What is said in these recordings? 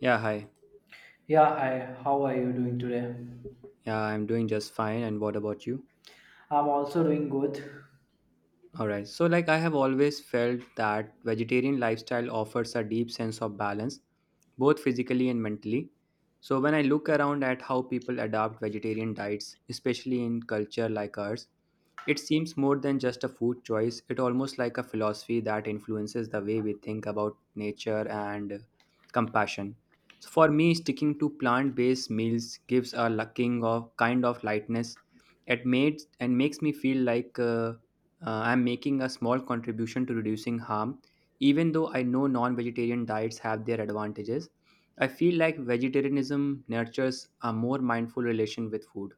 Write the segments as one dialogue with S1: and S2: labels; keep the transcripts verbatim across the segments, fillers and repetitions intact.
S1: Yeah, hi.
S2: Yeah, hi. How are you doing today?
S1: Yeah, I'm doing just fine. And what about you?
S2: I'm also doing good.
S1: All right. So, like, I have always felt that vegetarian lifestyle offers a deep sense of balance, both physically and mentally. So, when I look around at how people adopt vegetarian diets, especially in culture like ours, it seems more than just a food choice, it almost like a philosophy that influences the way we think about nature and compassion. So for me, sticking to plant-based meals gives a lacking of kind of lightness. It made and makes me feel like uh, uh, I'm making a small contribution to reducing harm. Even though I know non-vegetarian diets have their advantages, I feel like vegetarianism nurtures a more mindful relation with food.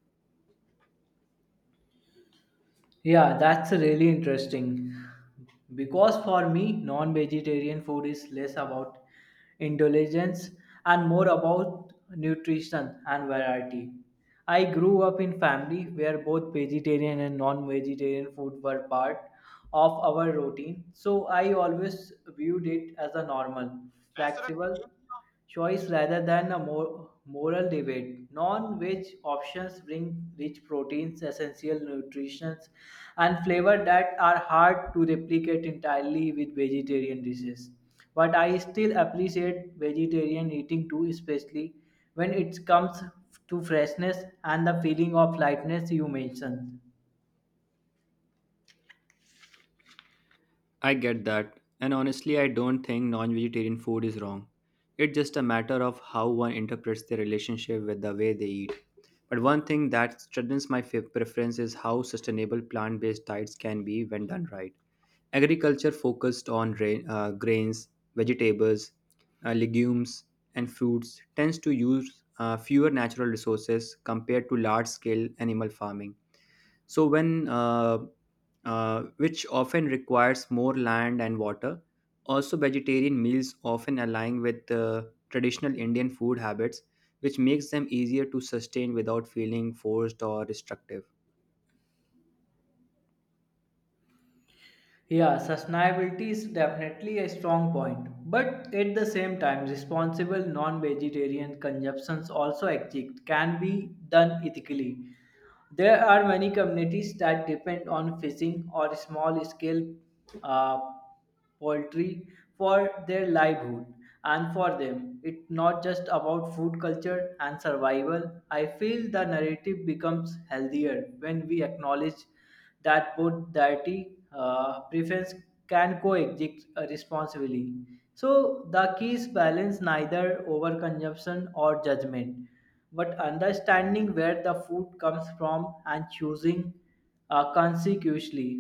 S2: Yeah, that's really interesting. Because for me, non vegetarian food is less about indulgence and more about nutrition and variety. I grew up in family where both vegetarian and non-vegetarian food were part of our routine, so I always viewed it as a normal, flexible choice rather than a mor- moral debate. Non-veg options bring rich proteins, essential nutrients, and flavor that are hard to replicate entirely with vegetarian dishes. But I still appreciate vegetarian eating too, especially when it comes to freshness and the feeling of lightness you mentioned.
S1: I get that, and honestly, I don't think non vegetarian food is wrong. It's just a matter of how one interprets their relationship with the way they eat. But one thing that strengthens my fa- preference is how sustainable plant based diets can be when done right. Agriculture focused on ra- uh, grains, vegetables, uh, legumes, and fruits tends to use uh, fewer natural resources compared to large scale animal farming so when uh, uh, which often requires more land and water, also vegetarian meals often align with uh, traditional indian food habits which makes them easier to sustain without feeling forced or restrictive.
S2: Yeah, sustainability is definitely a strong point, but at the same time, responsible non-vegetarian consumptions also exist can be done ethically. There are many communities that depend on fishing or small-scale uh, poultry for their livelihood, and for them it's not just about food culture and survival. I feel the narrative becomes healthier when we acknowledge that both dietary uh, preference can coexist uh, responsibly. So the key is balance, neither overconsumption or judgment, but understanding where the food comes from and choosing uh, consequently.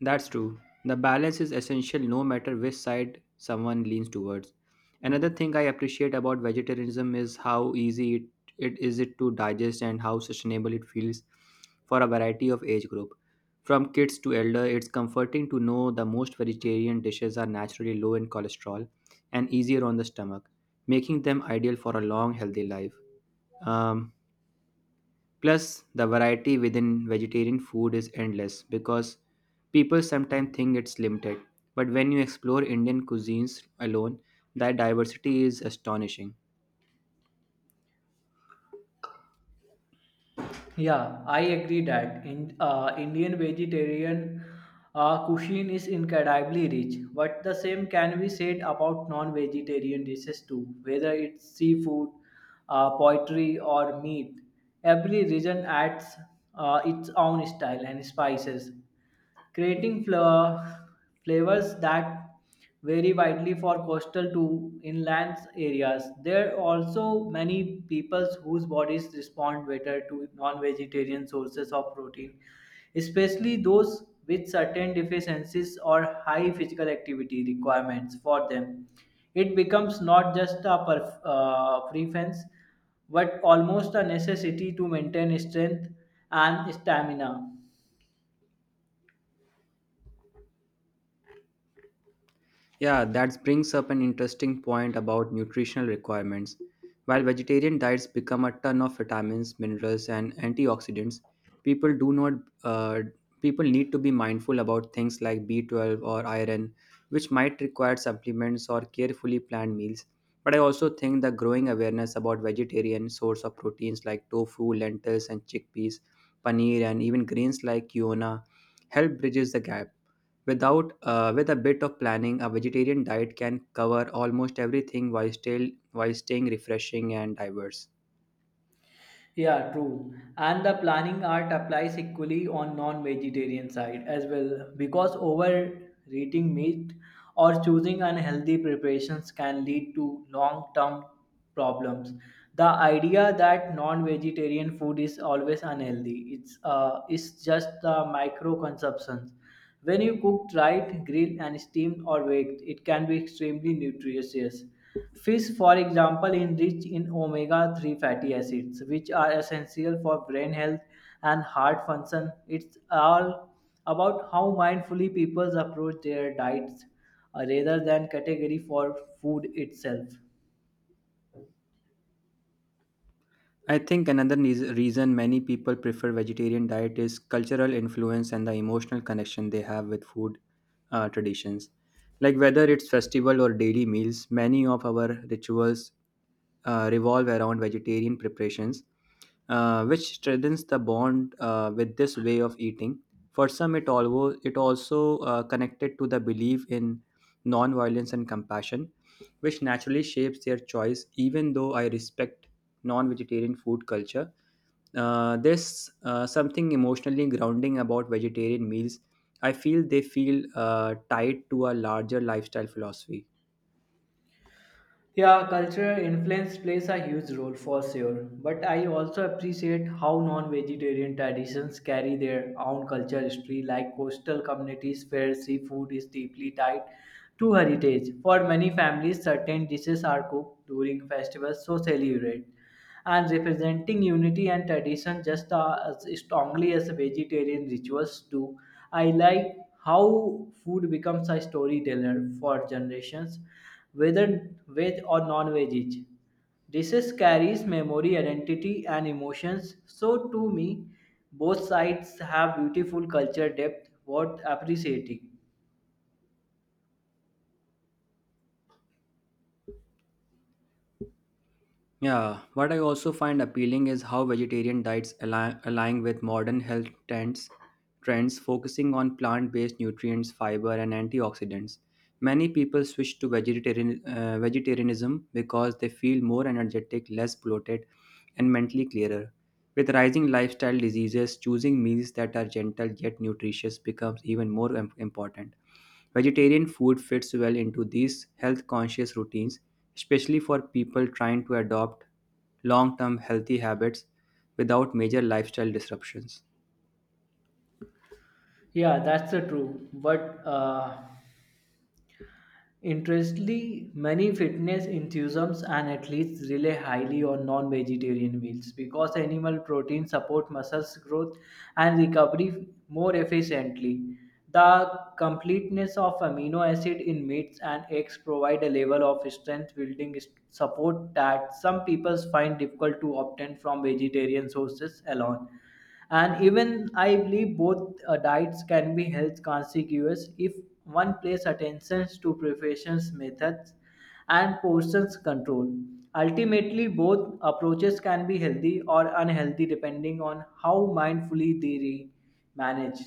S1: That's true. The balance is essential no matter which side someone leans towards. Another thing I appreciate about vegetarianism is how easy it, it is it to digest and how sustainable it feels for a variety of age group. From kids to elder, it's comforting to know the most vegetarian dishes are naturally low in cholesterol and easier on the stomach, making them ideal for a long healthy life. Um, Plus, the variety within vegetarian food is endless because people sometimes think it's limited. But when you explore Indian cuisines alone, that diversity is astonishing.
S2: Yeah, I agree that in uh, Indian vegetarian uh, cuisine is incredibly rich, but the same can be said about non-vegetarian dishes too, whether it's seafood, uh, poultry, or meat. Every region adds uh, its own style and spices, creating fla- flavors that vary widely for coastal to inland areas. There are also many peoples whose bodies respond better to non-vegetarian sources of protein, especially those with certain deficiencies or high physical activity requirements for them. It becomes not just a perf- uh, preference, but almost a necessity to maintain strength and stamina.
S1: Yeah, that brings up an interesting point about nutritional requirements. While vegetarian diets become a ton of vitamins, minerals, and antioxidants, people do not uh, people need to be mindful about things like B twelve or iron, which might require supplements or carefully planned meals. But I also think the growing awareness about vegetarian source of proteins like tofu, lentils, and chickpeas, paneer, and even grains like quinoa help bridges the gap. Without uh, with a bit of planning, a vegetarian diet can cover almost everything while still while staying refreshing and diverse.
S2: Yeah, true. And the planning art applies equally on non-vegetarian side as well because overeating meat or choosing unhealthy preparations can lead to long-term problems. The idea that non-vegetarian food is always unhealthy, it's uh, it's just the micro consumptions. When you cook right, grilled and steamed or baked, it can be extremely nutritious. Fish, for example, is rich in omega three fatty acids, which are essential for brain health and heart function. It's all about how mindfully people approach their diets uh, rather than category for food itself.
S1: I think another neas- reason many people prefer vegetarian diet is cultural influence and the emotional connection they have with food uh, traditions. Like whether it's festival or daily meals, many of our rituals uh, revolve around vegetarian preparations, uh, which strengthens the bond uh, with this way of eating. For some, it, alvo- it also uh, connected to the belief in non-violence and compassion, which naturally shapes their choice. Even though I respect non-vegetarian food culture, uh, there's uh, something emotionally grounding about vegetarian meals. I feel they feel uh, tied to a larger lifestyle philosophy.
S2: Yeah, cultural influence plays a huge role for sure. But I also appreciate how non vegetarian traditions carry their own cultural history, like coastal communities where seafood is deeply tied to heritage. For many families, certain dishes are cooked during festivals, so celebrate. And representing unity and tradition just uh, as strongly as vegetarian rituals do. I like how food becomes a storyteller for generations, whether veg or non-veg. Dishes carries memory, identity, and emotions. So to me, both sides have beautiful culture depth worth appreciating.
S1: Yeah, what I also find appealing is how vegetarian diets align, align with modern health trends, trends focusing on plant-based nutrients, fiber, and antioxidants. Many people switch to vegetarian, uh, vegetarianism because they feel more energetic, less bloated, and mentally clearer. With rising lifestyle diseases, choosing meals that are gentle yet nutritious becomes even more im- important. Vegetarian food fits well into these health conscious routines, especially for people trying to adopt long term healthy habits without major lifestyle disruptions.
S2: Yeah, that's the true. But uh, Interestingly, many fitness enthusiasts and athletes rely highly on non-vegetarian meals because animal protein support muscles growth and recovery more efficiently. The completeness of amino acid in meats and eggs provide a level of strength building s- support that some people find difficult to obtain from vegetarian sources alone. And even I believe both uh, diets can be health consequences if one pays attention to preparations methods and portions control. Ultimately both approaches can be healthy or unhealthy depending on how mindfully they re- manage.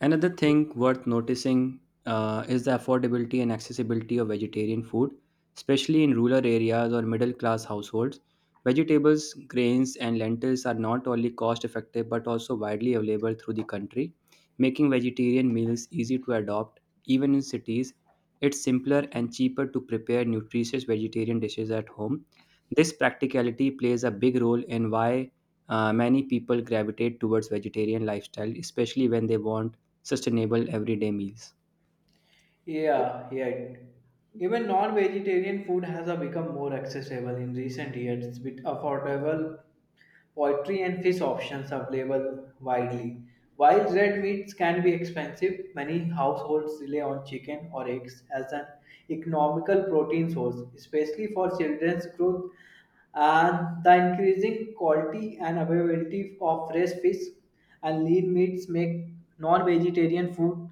S1: Another thing worth noticing uh, is the affordability and accessibility of vegetarian food, especially in rural areas or middle class households. Vegetables, grains, and lentils are not only cost effective but also widely available through the country, making vegetarian meals easy to adopt. Even in cities, it's simpler and cheaper to prepare nutritious vegetarian dishes at home. This practicality plays a big role in why uh, many people gravitate towards vegetarian lifestyle, especially when they want sustainable everyday meals.
S2: Yeah yeah even non-vegetarian food has uh, become more accessible in recent years with affordable poultry and fish options available widely. While red meats can be expensive, many households rely on chicken or eggs as an economical protein source, especially for children's growth. And the increasing quality and availability of fresh fish and lean meats make non-vegetarian food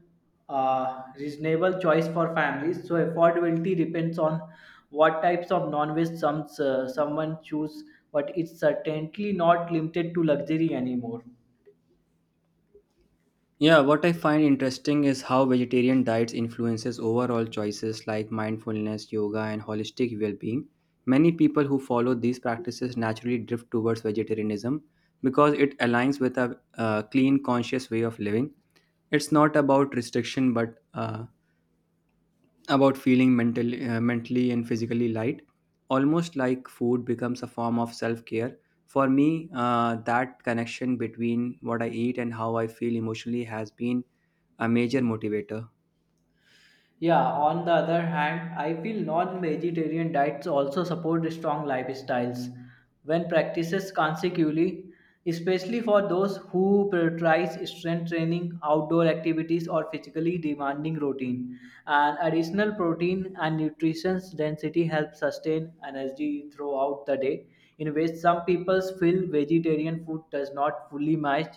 S2: uh, reasonable choice for families. So affordability depends on what types of non-veg some, uh, someone choose, but it's certainly not limited to luxury anymore.
S1: Yeah, what I find interesting is how vegetarian diets influences overall choices like mindfulness, yoga and holistic well-being. Many people who follow these practices naturally drift towards vegetarianism because it aligns with a, uh clean conscious way of living. It's not about restriction but uh, about feeling mental, uh, mentally and physically light, almost like food becomes a form of self care. For me, uh, that connection between what I eat and how I feel emotionally has been a major motivator.
S2: Yeah, on the other hand, I feel non vegetarian diets also support strong lifestyles when practiced consecutively, especially for those who prioritize strength training, outdoor activities, or physically demanding routine. And additional protein and nutrition density help sustain energy throughout the day, in which some people feel vegetarian food does not fully match.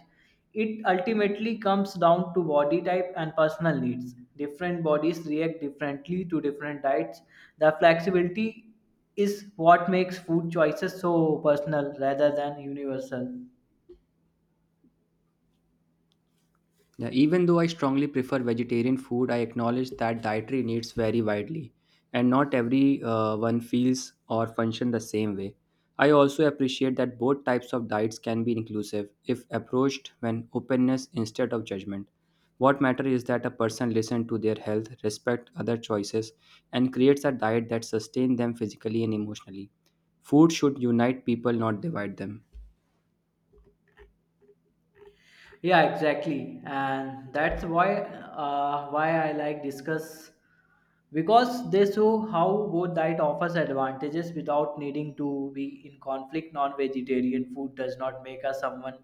S2: It ultimately comes down to body type and personal needs. Different bodies react differently to different diets. The flexibility is what makes food choices so personal rather than universal.
S1: Now, even though I strongly prefer vegetarian food, I acknowledge that dietary needs vary widely, and not every uh, one feels or function the same way. I also appreciate that both types of diets can be inclusive if approached when openness instead of judgment. What matters is that a person listen to their health, respect other choices, and creates a diet that sustains them physically and emotionally. Food should unite people, not divide them.
S2: Yeah, exactly, and that's why uh, why I like discuss because they show how both diet offers advantages without needing to be in conflict. Non-vegetarian food does not make us someone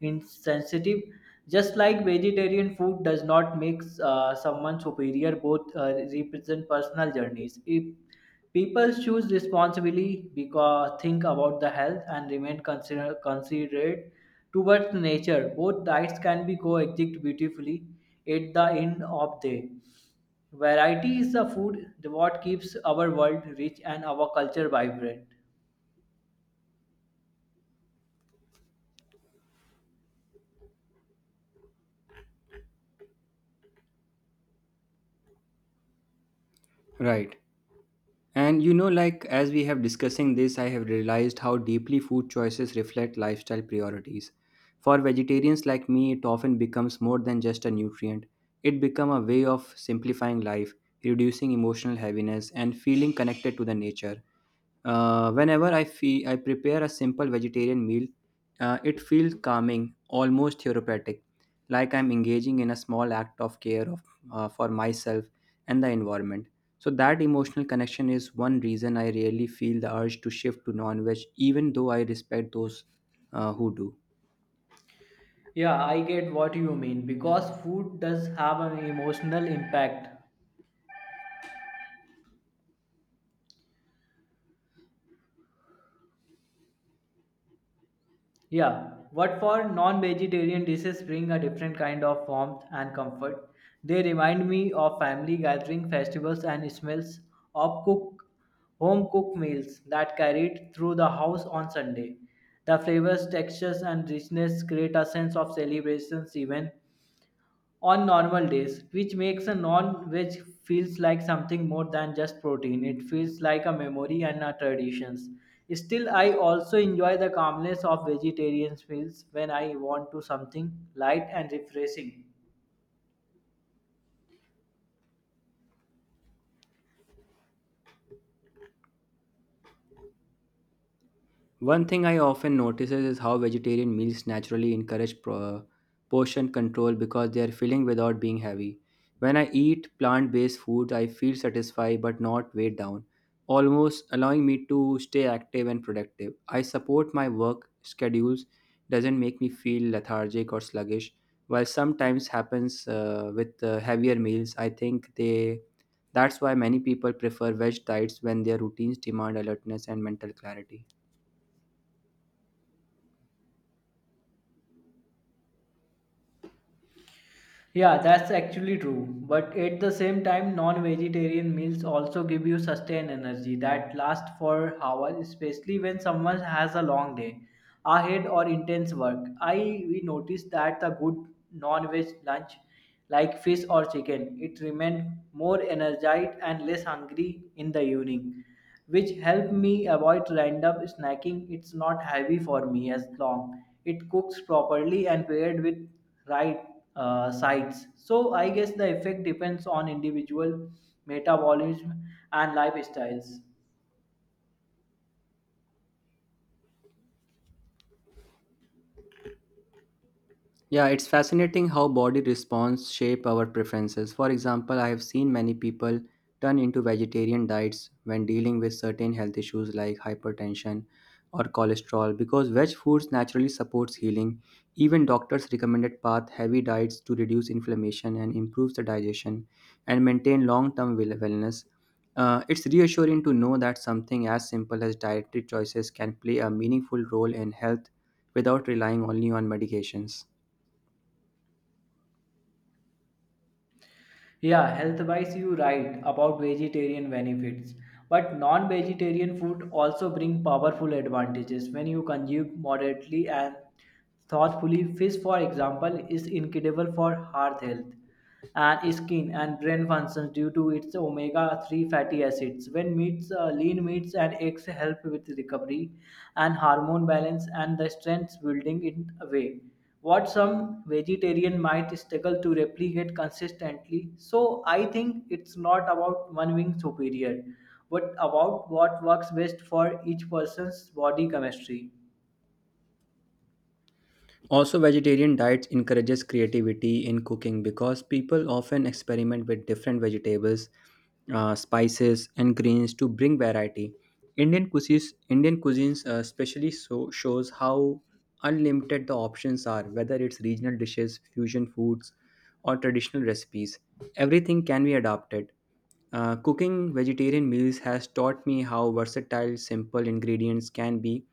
S2: insensitive, just like vegetarian food does not make uh, someone superior. Both uh, represent personal journeys. If people choose responsibly because think about the health and remain consider, considerate towards nature, both diets can be coexist beautifully at the end of day. Variety is the food what keeps our world rich and our culture vibrant.
S1: Right. And you know, like as we have discussing this, I have realized how deeply food choices reflect lifestyle priorities. For vegetarians like me, it often becomes more than just a nutrient. It becomes a way of simplifying life, reducing emotional heaviness, and feeling connected to the nature. Uh, whenever I feel I prepare a simple vegetarian meal, uh, it feels calming, almost therapeutic, like I'm engaging in a small act of care of, uh, for myself and the environment. So that emotional connection is one reason I really feel the urge to shift to non-veg, even though I respect those uh, who do.
S2: Yeah, I get what you mean because food does have an emotional impact. Yeah, what for non vegetarian dishes bring a different kind of warmth and comfort. They remind me of family gathering, festivals, and smells of cook, home cooked meals that carried through the house on Sunday. The flavors, textures, and richness create a sense of celebrations even on normal days, which makes a non veg feels like something more than just protein. It feels like a memory and a traditions. Still, I also enjoy the calmness of vegetarian meals when I want to something light and refreshing.
S1: One thing I often notices is how vegetarian meals naturally encourage pro- portion control because they are filling without being heavy. When I eat plant based food, I feel satisfied but not weighed down, almost allowing me to stay active and productive. I support my work schedules, doesn't make me feel lethargic or sluggish. While sometimes happens uh, with uh, heavier meals, I think they that's why many people prefer veg diets when their routines demand alertness and mental clarity.
S2: Yeah, that's actually true. But at the same time, non vegetarian meals also give you sustained energy that lasts for hours, especially when someone has a long day ahead or intense work. I we noticed that the good non veg lunch, like fish or chicken, it remained more energized and less hungry in the evening, which help me avoid random snacking. It's not heavy for me as long it cooks properly and paired with right uh, sides. So I guess the effect depends on individual metabolism and lifestyles.
S1: Yeah, it's fascinating how body response shape our preferences. For example, I have seen many people turn into vegetarian diets when dealing with certain health issues like hypertension or cholesterol because veg foods naturally supports healing. Even doctors recommended path heavy diets to reduce inflammation and improves the digestion and maintain long-term wel- wellness. Uh, it's reassuring to know that something as simple as dietary choices can play a meaningful role in health without relying only on medications.
S2: Yeah, health wise, you right about vegetarian benefits. But non vegetarian food also bring powerful advantages when you consume moderately and thoughtfully. Fish, for example, is incredible for heart health and skin and brain functions due to its omega three fatty acids. When meats, uh, lean meats and eggs help with recovery and hormone balance and the strength building in a way what some vegetarian might struggle to replicate consistently. So I think it's not about one being superior, but about what works best for each person's body chemistry.
S1: Also, vegetarian diets encourages creativity in cooking because people often experiment with different vegetables, uh, spices, and greens to bring variety. Indian cuisines, Indian cuisines uh, especially so shows how unlimited the options are, whether it's regional dishes, fusion foods, or traditional recipes. Everything can be adapted, uh, cooking vegetarian meals has taught me how versatile simple ingredients can be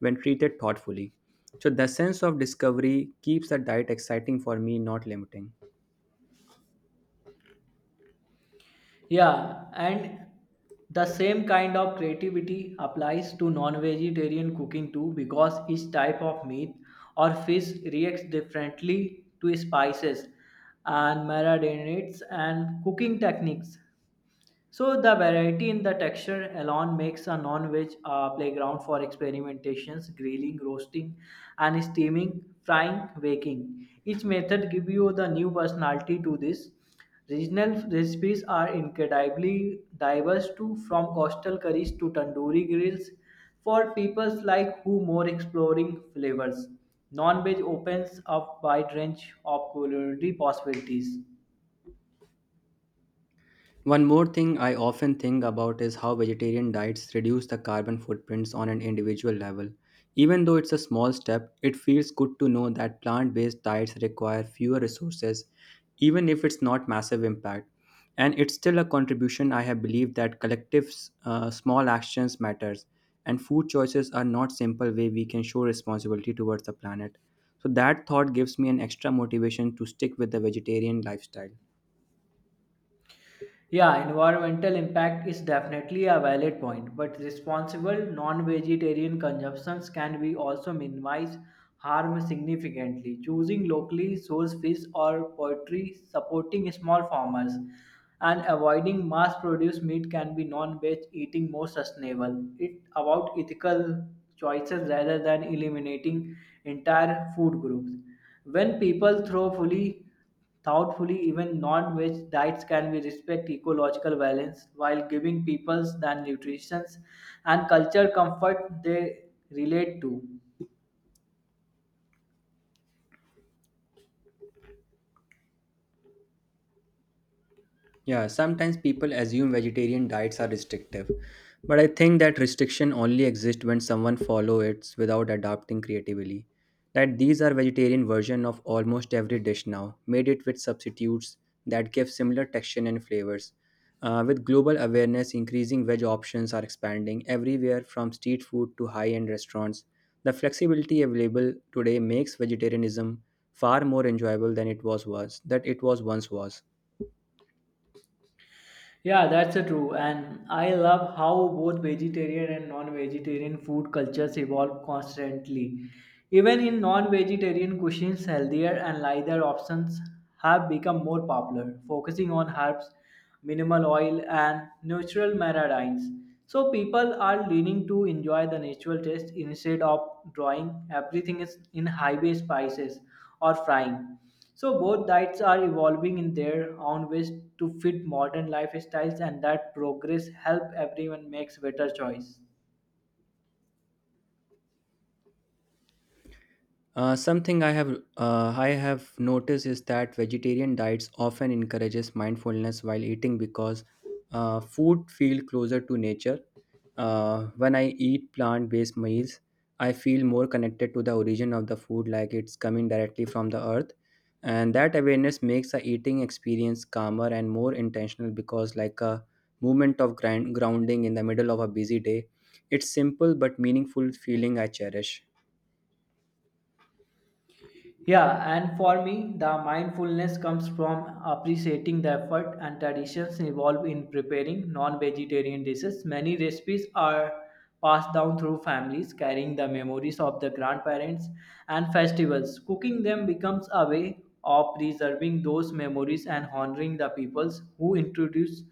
S1: when treated thoughtfully. So, the sense of discovery keeps the diet exciting for me, not limiting.
S2: Yeah, and the same kind of creativity applies to non-vegetarian cooking too because each type of meat or fish reacts differently to spices and marinades and cooking techniques. So the variety in the texture alone makes a non-veg uh, playground for experimentations, grilling, roasting, and steaming, frying, baking. Each method gives you the new personality to this. Regional recipes are incredibly diverse too, from coastal curries to tandoori grills, for people like who more exploring flavors. Non-veg opens up wide range of culinary possibilities.
S1: One more thing I often think about is how vegetarian diets reduce the carbon footprints on an individual level. Even though it's a small step, it feels good to know that plant based diets require fewer resources, even if it's not massive impact. And it's still a contribution I have believed that collective uh, small actions matters, and food choices are not simple way we can show responsibility towards the planet. So that thought gives me an extra motivation to stick with the vegetarian lifestyle.
S2: Yeah, environmental impact is definitely a valid point, but responsible non-vegetarian consumptions can be also minimize harm significantly. Choosing locally sourced fish or poultry, supporting small farmers, and avoiding mass-produced meat can be non-veg eating more sustainable. It about ethical choices rather than eliminating entire food groups. When people throw fully thoughtfully, even non-veg diets can be respect ecological balance while giving peoples the nutrition and culture comfort they relate to.
S1: Yeah, sometimes people assume vegetarian diets are restrictive, but I think that restriction only exists when someone follow it without adapting creatively. That these are vegetarian version of almost every dish now, made it with substitutes that give similar texture and flavors. Uh, with global awareness increasing, veg options are expanding everywhere from street food to high-end restaurants. The flexibility available today makes vegetarianism far more enjoyable than it was was that it was once was.
S2: Yeah, that's a true. And I love how both vegetarian and non vegetarian food cultures evolve constantly. Even in non vegetarian cuisines, healthier and lighter options have become more popular, focusing on herbs, minimal oil, and natural margarines. So people are leaning to enjoy the natural taste instead of drawing everything is in highway spices or frying. So both diets are evolving in their own ways to fit modern lifestyles, and that progress help everyone makes better choice.
S1: Uh, something I have uh, I have noticed is that vegetarian diets often encourages mindfulness while eating because uh, food feel closer to nature. Uh, when I eat plant-based meals, I feel more connected to the origin of the food, like it's coming directly from the earth, and that awareness makes the eating experience calmer and more intentional because, like a moment of grind grounding in the middle of a busy day, it's simple but meaningful feeling I cherish.
S2: Yeah, and for me, the mindfulness comes from appreciating the effort and traditions involved in preparing non vegetarian dishes. Many recipes are passed down through families, carrying the memories of the grandparents and festivals. Cooking them becomes a way of preserving those memories and honoring the peoples who introduce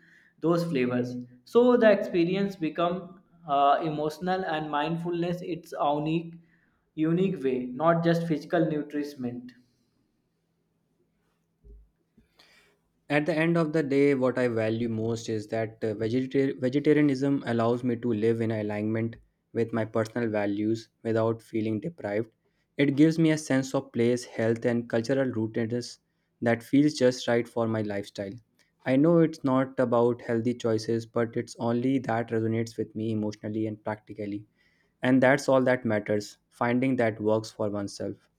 S2: those flavors. So the experience becomes uh, emotional and mindfulness its unique unique way, not just physical nourishment.
S1: At the end of the day, what I value most is that uh, vegeta- vegetarianism allows me to live in alignment with my personal values without feeling deprived. It gives me a sense of place, health, and cultural rootedness that feels just right for my lifestyle. I know it's not about healthy choices, but it's only that resonates with me emotionally and practically, and that's all that matters, finding that works for oneself.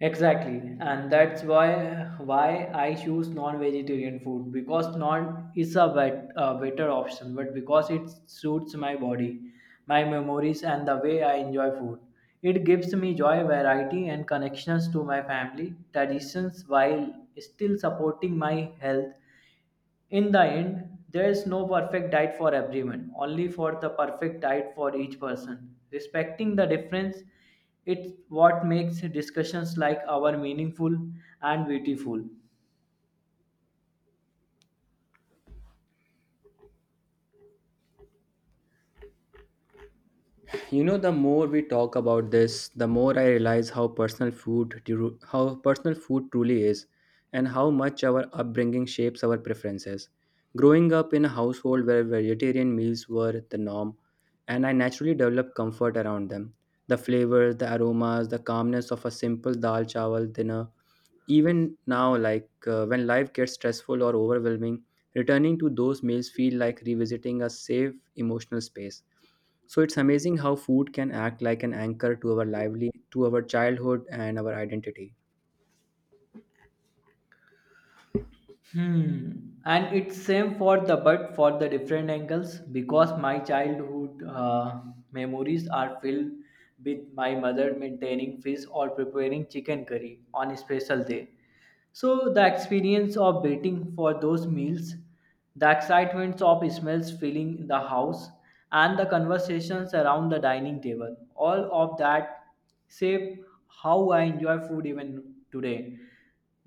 S2: Exactly, and that's why why I choose non-vegetarian food because non is a, bet, a better option, but because it suits my body, my memories, and the way I enjoy food. It gives me joy, variety, and connections to my family traditions while still supporting my health. In the end, there is no perfect diet for everyone, only for the perfect diet for each person. Respecting the difference, it's what makes discussions like our meaningful and beautiful.
S1: You know the more we talk about this, the more I realize how personal food tru- how personal food truly is, and how much our upbringing shapes our preferences. Growing up in a household where vegetarian meals were the norm, and I naturally developed comfort around them. The flavors, the aromas, the calmness of a simple dal chawal dinner. Even now, like uh, when life gets stressful or overwhelming, returning to those meals feel like revisiting a safe emotional space. So it's amazing how food can act like an anchor to our lively to our childhood and our identity.
S2: Hmm. And it's same for the but for the different angles because my childhood uh, memories are filled with my mother maintaining fish or preparing chicken curry on a special day. So the experience of waiting for those meals, the excitement of smells filling the house, and the conversations around the dining table, all of that shape how I enjoy food even today.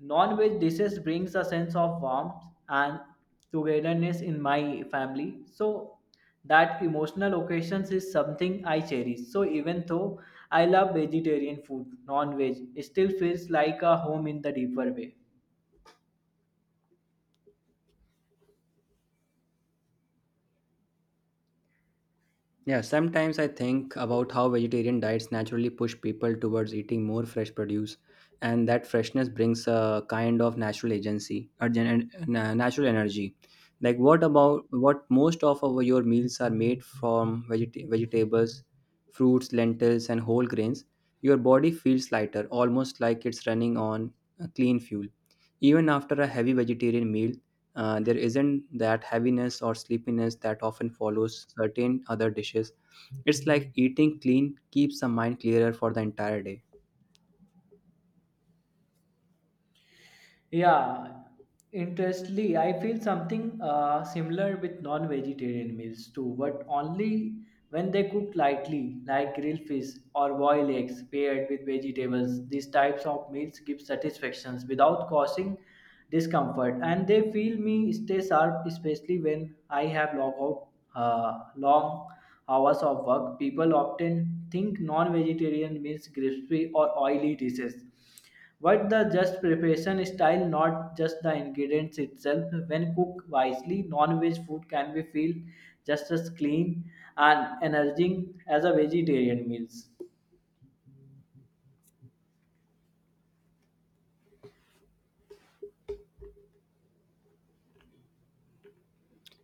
S2: Non-veg dishes brings a sense of warmth and togetherness in my family, so that emotional occasions is something I cherish. So even though I love vegetarian food, non-veg still feels like a home in the deeper way.
S1: Yeah, sometimes I think about how vegetarian diets naturally push people towards eating more fresh produce, and that freshness brings a kind of natural agency, or gen- na- natural energy. Like what about what most of our, your meals are made from vegeta- vegetables, fruits, lentils, and whole grains. Your body feels lighter, almost like it's running on a clean fuel. Even after a heavy vegetarian meal, uh, there isn't that heaviness or sleepiness that often follows certain other dishes. It's like eating clean keeps the mind clearer for the entire day.
S2: Yeah, interestingly, I feel something uh, similar with non-vegetarian meals too, but only when they cook lightly, like grilled fish or boiled eggs paired with vegetables. These types of meals give satisfactions without causing discomfort, and they feel me stay sharp, especially when I have long out uh, long hours of work. People often think non-vegetarian means crispy or oily dishes, but the just preparation style, not just the ingredients itself. When cooked wisely, non-veg food can be feel just as clean and energizing as a vegetarian meals.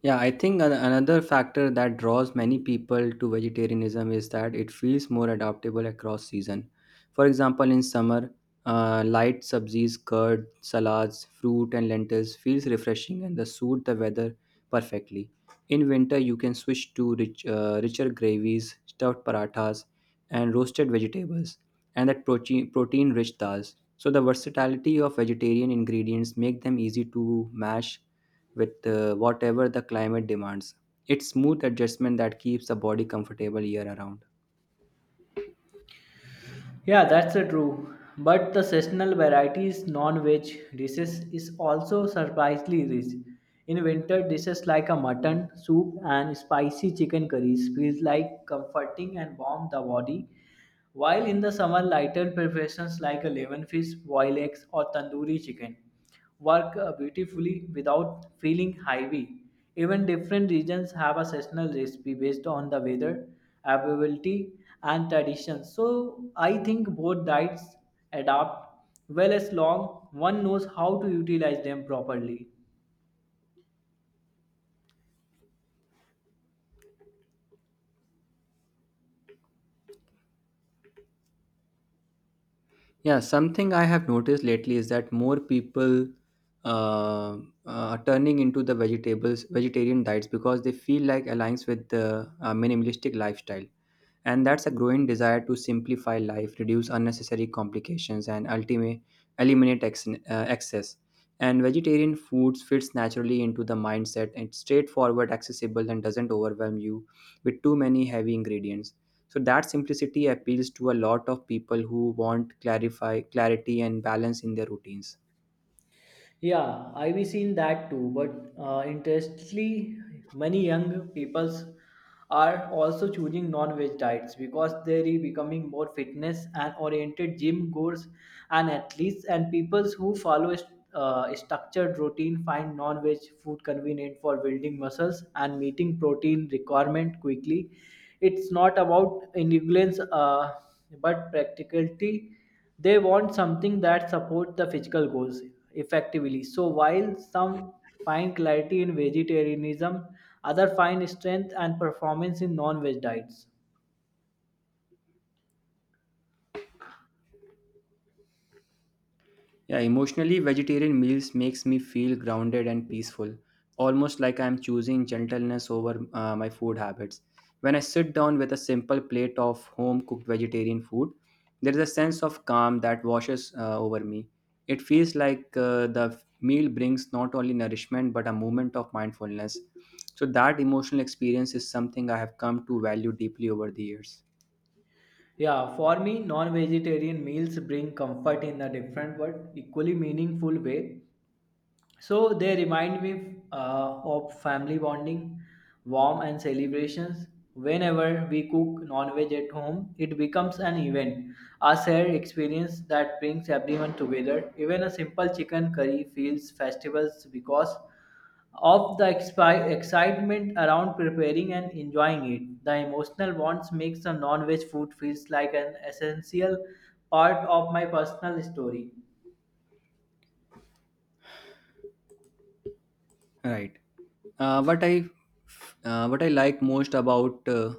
S1: Yeah, I think an- another factor that draws many people to vegetarianism is that it feels more adaptable across season. For example, in summer, uh, light subsies, curd, salads, fruit, and lentils feels refreshing and the suit the weather perfectly. In winter, you can switch to rich, uh, richer gravies, stuffed parathas, and roasted vegetables, and that protein protein rich dals. So the versatility of vegetarian ingredients make them easy to mash with uh, whatever the climate demands. It's smooth adjustment that keeps the body comfortable year around.
S2: Yeah, that's uh, true. But the seasonal varieties non-veg dishes is also surprisingly rich. In winter, dishes like a mutton soup and spicy chicken curries feels like comforting and warm the body. While in the summer, lighter preparations like a lemon fish, boiled eggs, or tandoori chicken work uh, beautifully without feeling heavy. Even different regions have a seasonal recipe based on the weather, availability, and traditions. So I think both diets adapt well as long one knows how to utilize them properly.
S1: Yeah, something I have noticed lately is that more people uh, are turning into the vegetables vegetarian diets because they feel like aligns with the uh, minimalistic lifestyle, and that's a growing desire to simplify life, reduce unnecessary complications, and ultimate eliminate ex- uh, excess. And vegetarian foods fits naturally into the mindset. It's straightforward, accessible, and doesn't overwhelm you with too many heavy ingredients. So that simplicity appeals to a lot of people who want clarify clarity and balance in their routines.
S2: Yeah, I've been seen that too. But uh, interestingly, many young peoples are also choosing non-veg diets because they're becoming more fitness and oriented gym goers and athletes and peoples who follow st- uh, structured routine find non-veg food convenient for building muscles and meeting protein requirement quickly. It's not about indulgence, uh, but practicality. They want something that supports the physical goals effectively. So while some find clarity in vegetarianism, others find strength and performance in non-veg diets.
S1: Yeah, emotionally, vegetarian meals makes me feel grounded and peaceful, almost like I am choosing gentleness over uh, my food habits. When I sit down with a simple plate of home-cooked vegetarian food, there is a sense of calm that washes uh, over me. It feels like uh, the meal brings not only nourishment but a moment of mindfulness. So that emotional experience is something I have come to value deeply over the years.
S2: Yeah, for me, non-vegetarian meals bring comfort in a different but equally meaningful way. So they remind me uh, of family bonding, warm and celebrations. Whenever we cook non-veg at home, it becomes an event, a shared experience that brings everyone together. Even a simple chicken curry feels festivals because of the expi- excitement around preparing and enjoying it. The emotional bonds makes the non-veg food feels like an essential part of my personal story.
S1: Right. Uh, what I uh, what I like most about uh,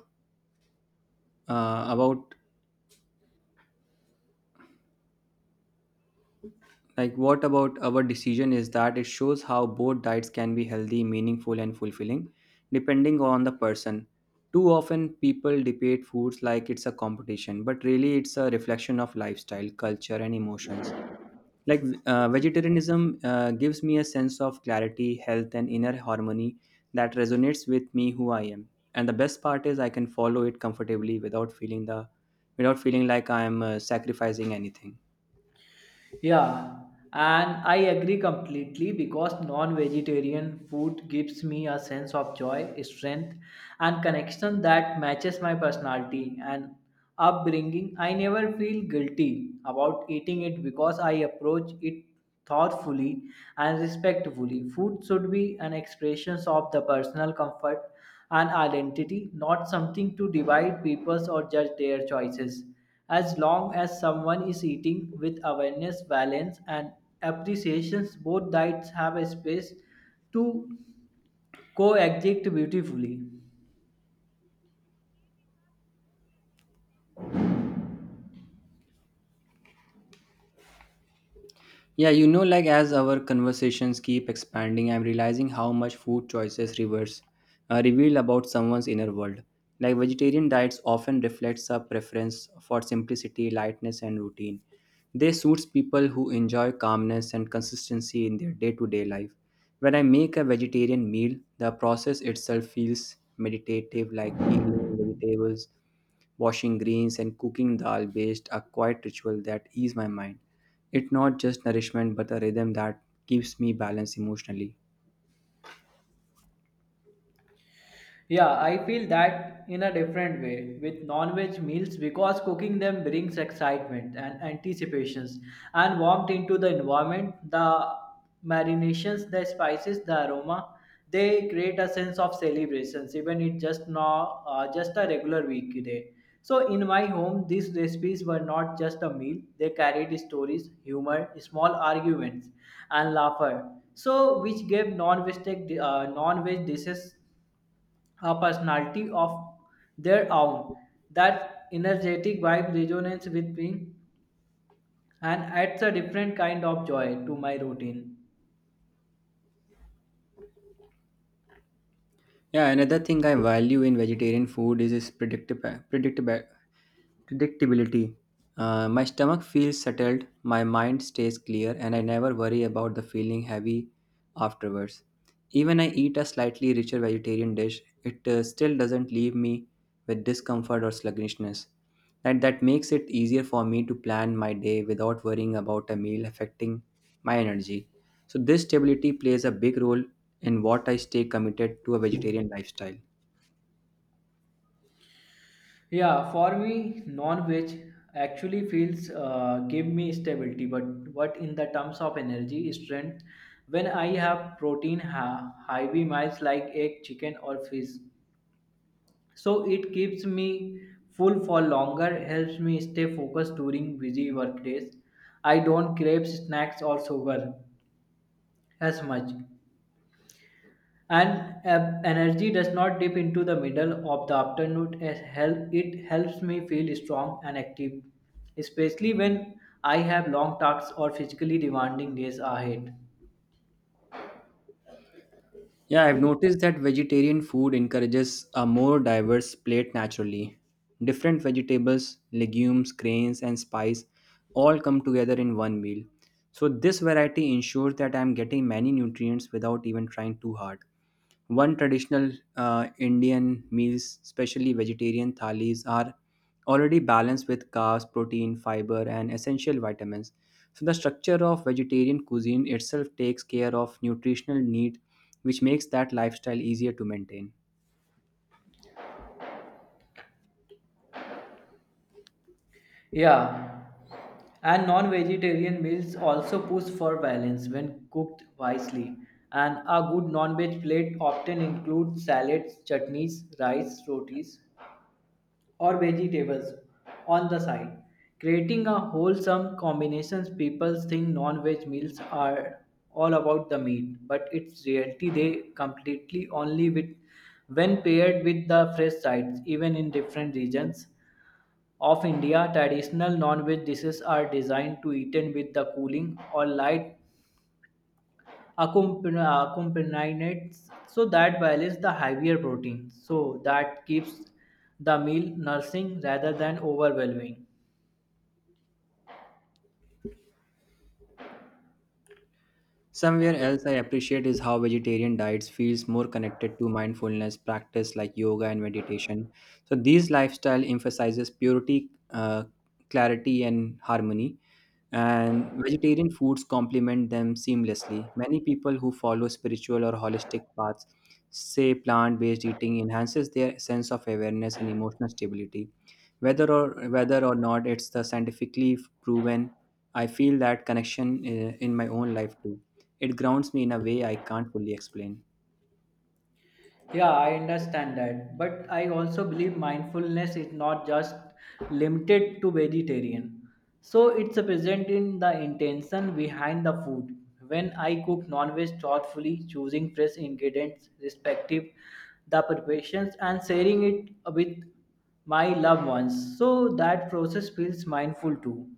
S1: uh, about like what about our decision is that it shows how both diets can be healthy, meaningful, and fulfilling depending on the person. Too often people debate foods like it's a competition, but really it's a reflection of lifestyle, culture, and emotions. Like uh, vegetarianism uh, gives me a sense of clarity, health, and inner harmony that resonates with me who I am. And the best part is I can follow it comfortably without feeling the without feeling like I am uh, sacrificing anything.
S2: Yeah, and I agree completely because non vegetarian food gives me a sense of joy, strength, and connection that matches my personality and upbringing. I never feel guilty about eating it because I approach it thoughtfully and respectfully. Food should be an expression of the personal comfort and identity, not something to divide people or judge their choices. As long as someone is eating with awareness, balance, and appreciations, both diets have a space to coexist beautifully.
S1: Yeah, you know, like as our conversations keep expanding, I'm realizing how much food choices reverse uh, reveal about someone's inner world. Like vegetarian diets often reflects a preference for simplicity, lightness, and routine. They suits people who enjoy calmness and consistency in their day-to-day life. When I make a vegetarian meal, the process itself feels meditative, like peeling vegetables, washing greens, and cooking dal based are quiet ritual that ease my mind. It's not just nourishment but a rhythm that keeps me balanced emotionally.
S2: Yeah, I feel that in a different way with non-veg meals because cooking them brings excitement and anticipations and warmth into the environment. The marinations, the spices, the aroma, they create a sense of celebrations, even it just now uh, just a regular weekday. So in my home, these recipes were not just a meal; they carried stories, humor, small arguments, and laughter. So which gave non-veg uh, non-veg dishes a personality of their own. That energetic vibe resonates with me and adds a different kind of joy to my routine.
S1: Yeah, another thing I value in vegetarian food is its predictable predictable predictability. Uh, my stomach feels settled, my mind stays clear, and I never worry about the feeling heavy afterwards. Even I eat a slightly richer vegetarian dish, it uh, still doesn't leave me with discomfort or sluggishness. And that makes it easier for me to plan my day without worrying about a meal affecting my energy. So, this stability plays a big role in what I stay committed to a vegetarian lifestyle.
S2: Yeah, for me, non-veg actually feels uh, give me stability, but what in the terms of energy, strength, when I have protein ha- heavy meals like egg, chicken, or fish, so it keeps me full for longer, helps me stay focused during busy work days. I don't crave snacks or sugar as much, and uh, energy does not dip into the middle of the afternoon as help it helps me feel strong and active, especially when I have long tasks or physically demanding days ahead.
S1: Yeah, I've noticed that vegetarian food encourages a more diverse plate naturally. Different vegetables, legumes, grains, and spice all come together in one meal. So, this variety ensures that I'm getting many nutrients without even trying too hard. One traditional uh, Indian meals, especially vegetarian thalis, are already balanced with carbs, protein, fiber, and essential vitamins. So, the structure of vegetarian cuisine itself takes care of nutritional need, which makes that lifestyle easier to maintain.
S2: Yeah. And non vegetarian meals also push for balance when cooked wisely. And a good non veg plate often includes salads, chutneys, rice, rotis, or vegetables on the side. Creating a wholesome combination, people think non veg meals are all about the meat, but it's reality they completely only with when paired with the fresh sides. Even in different regions of India, traditional non-veg dishes are designed to eaten with the cooling or light accompan- accompaniments so that balance the heavier protein, so that keeps the meal nourishing rather than overwhelming.
S1: Somewhere else I appreciate is how vegetarian diets feels more connected to mindfulness practice like yoga and meditation. So these lifestyle emphasizes purity, uh, clarity, and harmony. And vegetarian foods complement them seamlessly. Many people who follow spiritual or holistic paths say plant-based eating enhances their sense of awareness and emotional stability. Whether or whether or not it's the scientifically proven, I feel that connection uh, in my own life too. It grounds me in a way I can't fully explain.
S2: Yeah, I understand that. But I also believe mindfulness is not just limited to vegetarian. So it's present in the intention behind the food. When I cook non-veg thoughtfully, choosing fresh ingredients, respective the preparations and sharing it with my loved ones. So that process feels mindful too.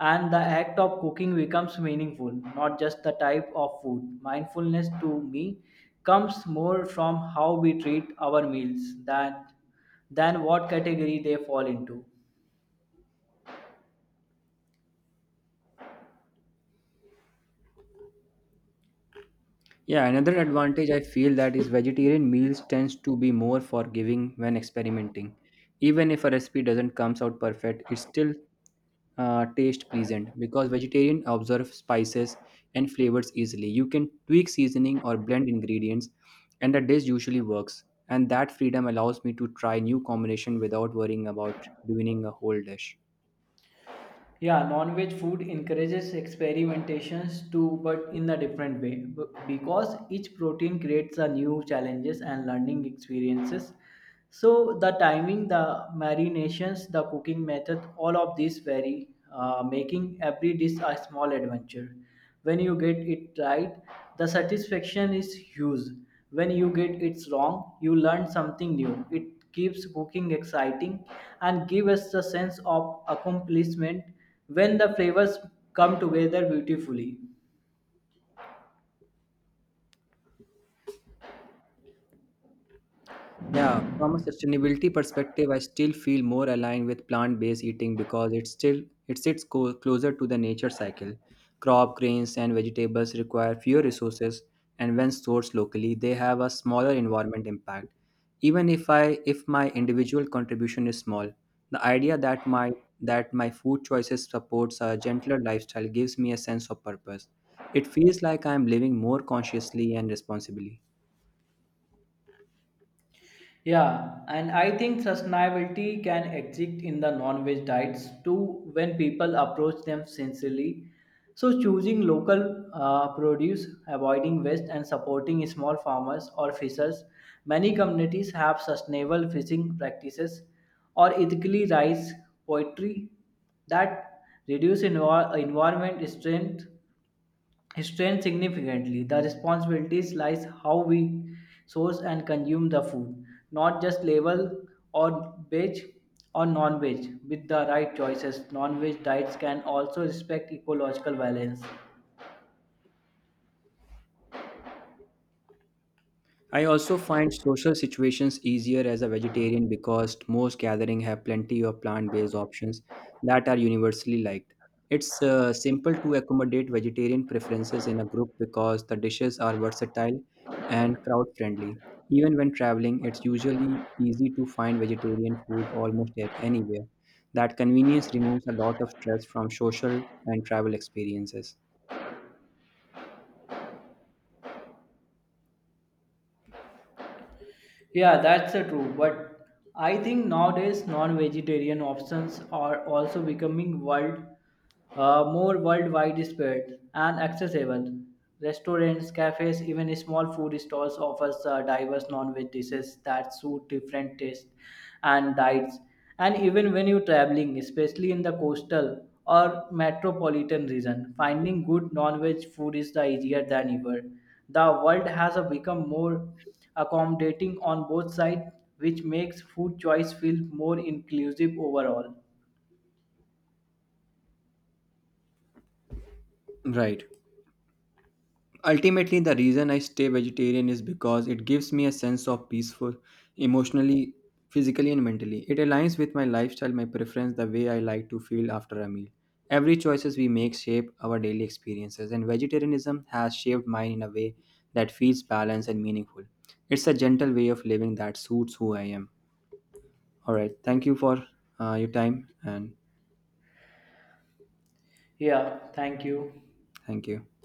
S2: And the act of cooking becomes meaningful, not just the type of food. Mindfulness to me comes more from how we treat our meals than, than what category they fall into.
S1: Yeah, another advantage I feel that is vegetarian meals tends to be more forgiving when experimenting. Even if a recipe doesn't comes out perfect, it's still uh, taste pleasant because vegetarian observe spices and flavors easily. You can tweak seasoning or blend ingredients, and the dish usually works. And that freedom allows me to try new combination without worrying about ruining a whole dish.
S2: Yeah, non-veg food encourages experimentations too, but in a different way B- because each protein creates a new challenges and learning experiences. So the timing, the marinations, the cooking method, all of these vary, uh, making every dish a small adventure. When you get it right, the satisfaction is huge. When you get it wrong, you learn something new. It keeps cooking exciting and give us the sense of accomplishment when the flavors come together beautifully.
S1: Yeah, from a sustainability perspective, I still feel more aligned with plant-based eating because it still it sits co- closer to the nature cycle. Crop, grains, and vegetables require fewer resources, and when sourced locally, they have a smaller environment impact. Even if I if my individual contribution is small, the idea that my that my food choices supports a gentler lifestyle gives me a sense of purpose. It feels like I am living more consciously and responsibly.
S2: Yeah, and I think sustainability can exist in the non-veg diets too when people approach them sincerely. So choosing local uh, produce, avoiding waste, and supporting small farmers or fishers. Many communities have sustainable fishing practices or ethically raised poultry that reduce envir- environment strain strained significantly. The responsibilities lies how we source and consume the food, not just label or veg or non-veg. With the right choices, non-veg diets can also respect ecological balance.
S1: I also find social situations easier as a vegetarian because most gatherings have plenty of plant based options that are universally liked. It's uh, simple to accommodate vegetarian preferences in a group because the dishes are versatile and crowd friendly. Even when traveling, it's usually easy to find vegetarian food almost at anywhere. That convenience removes a lot of stress from social and travel experiences.
S2: Yeah, that's uh, true. But I think nowadays non-vegetarian options are also becoming world uh, more worldwide spread and accessible. Restaurants, cafes, even small food stalls offers uh, diverse non-veg dishes that suit different tastes and diets. And even when you're traveling, especially in the coastal or metropolitan region, finding good non-veg food is the easier than ever. The world has uh, become more accommodating on both sides, which makes food choice feel more inclusive overall.
S1: Right. Ultimately, the reason I stay vegetarian is because it gives me a sense of peaceful, emotionally, physically, and mentally. It aligns with my lifestyle, my preference, the way I like to feel after a meal. Every choices we make shape our daily experiences, and vegetarianism has shaped mine in a way that feels balanced and meaningful. It's a gentle way of living that suits who I am. All right, thank you for uh, your time, and
S2: Yeah, thank you.
S1: thank you.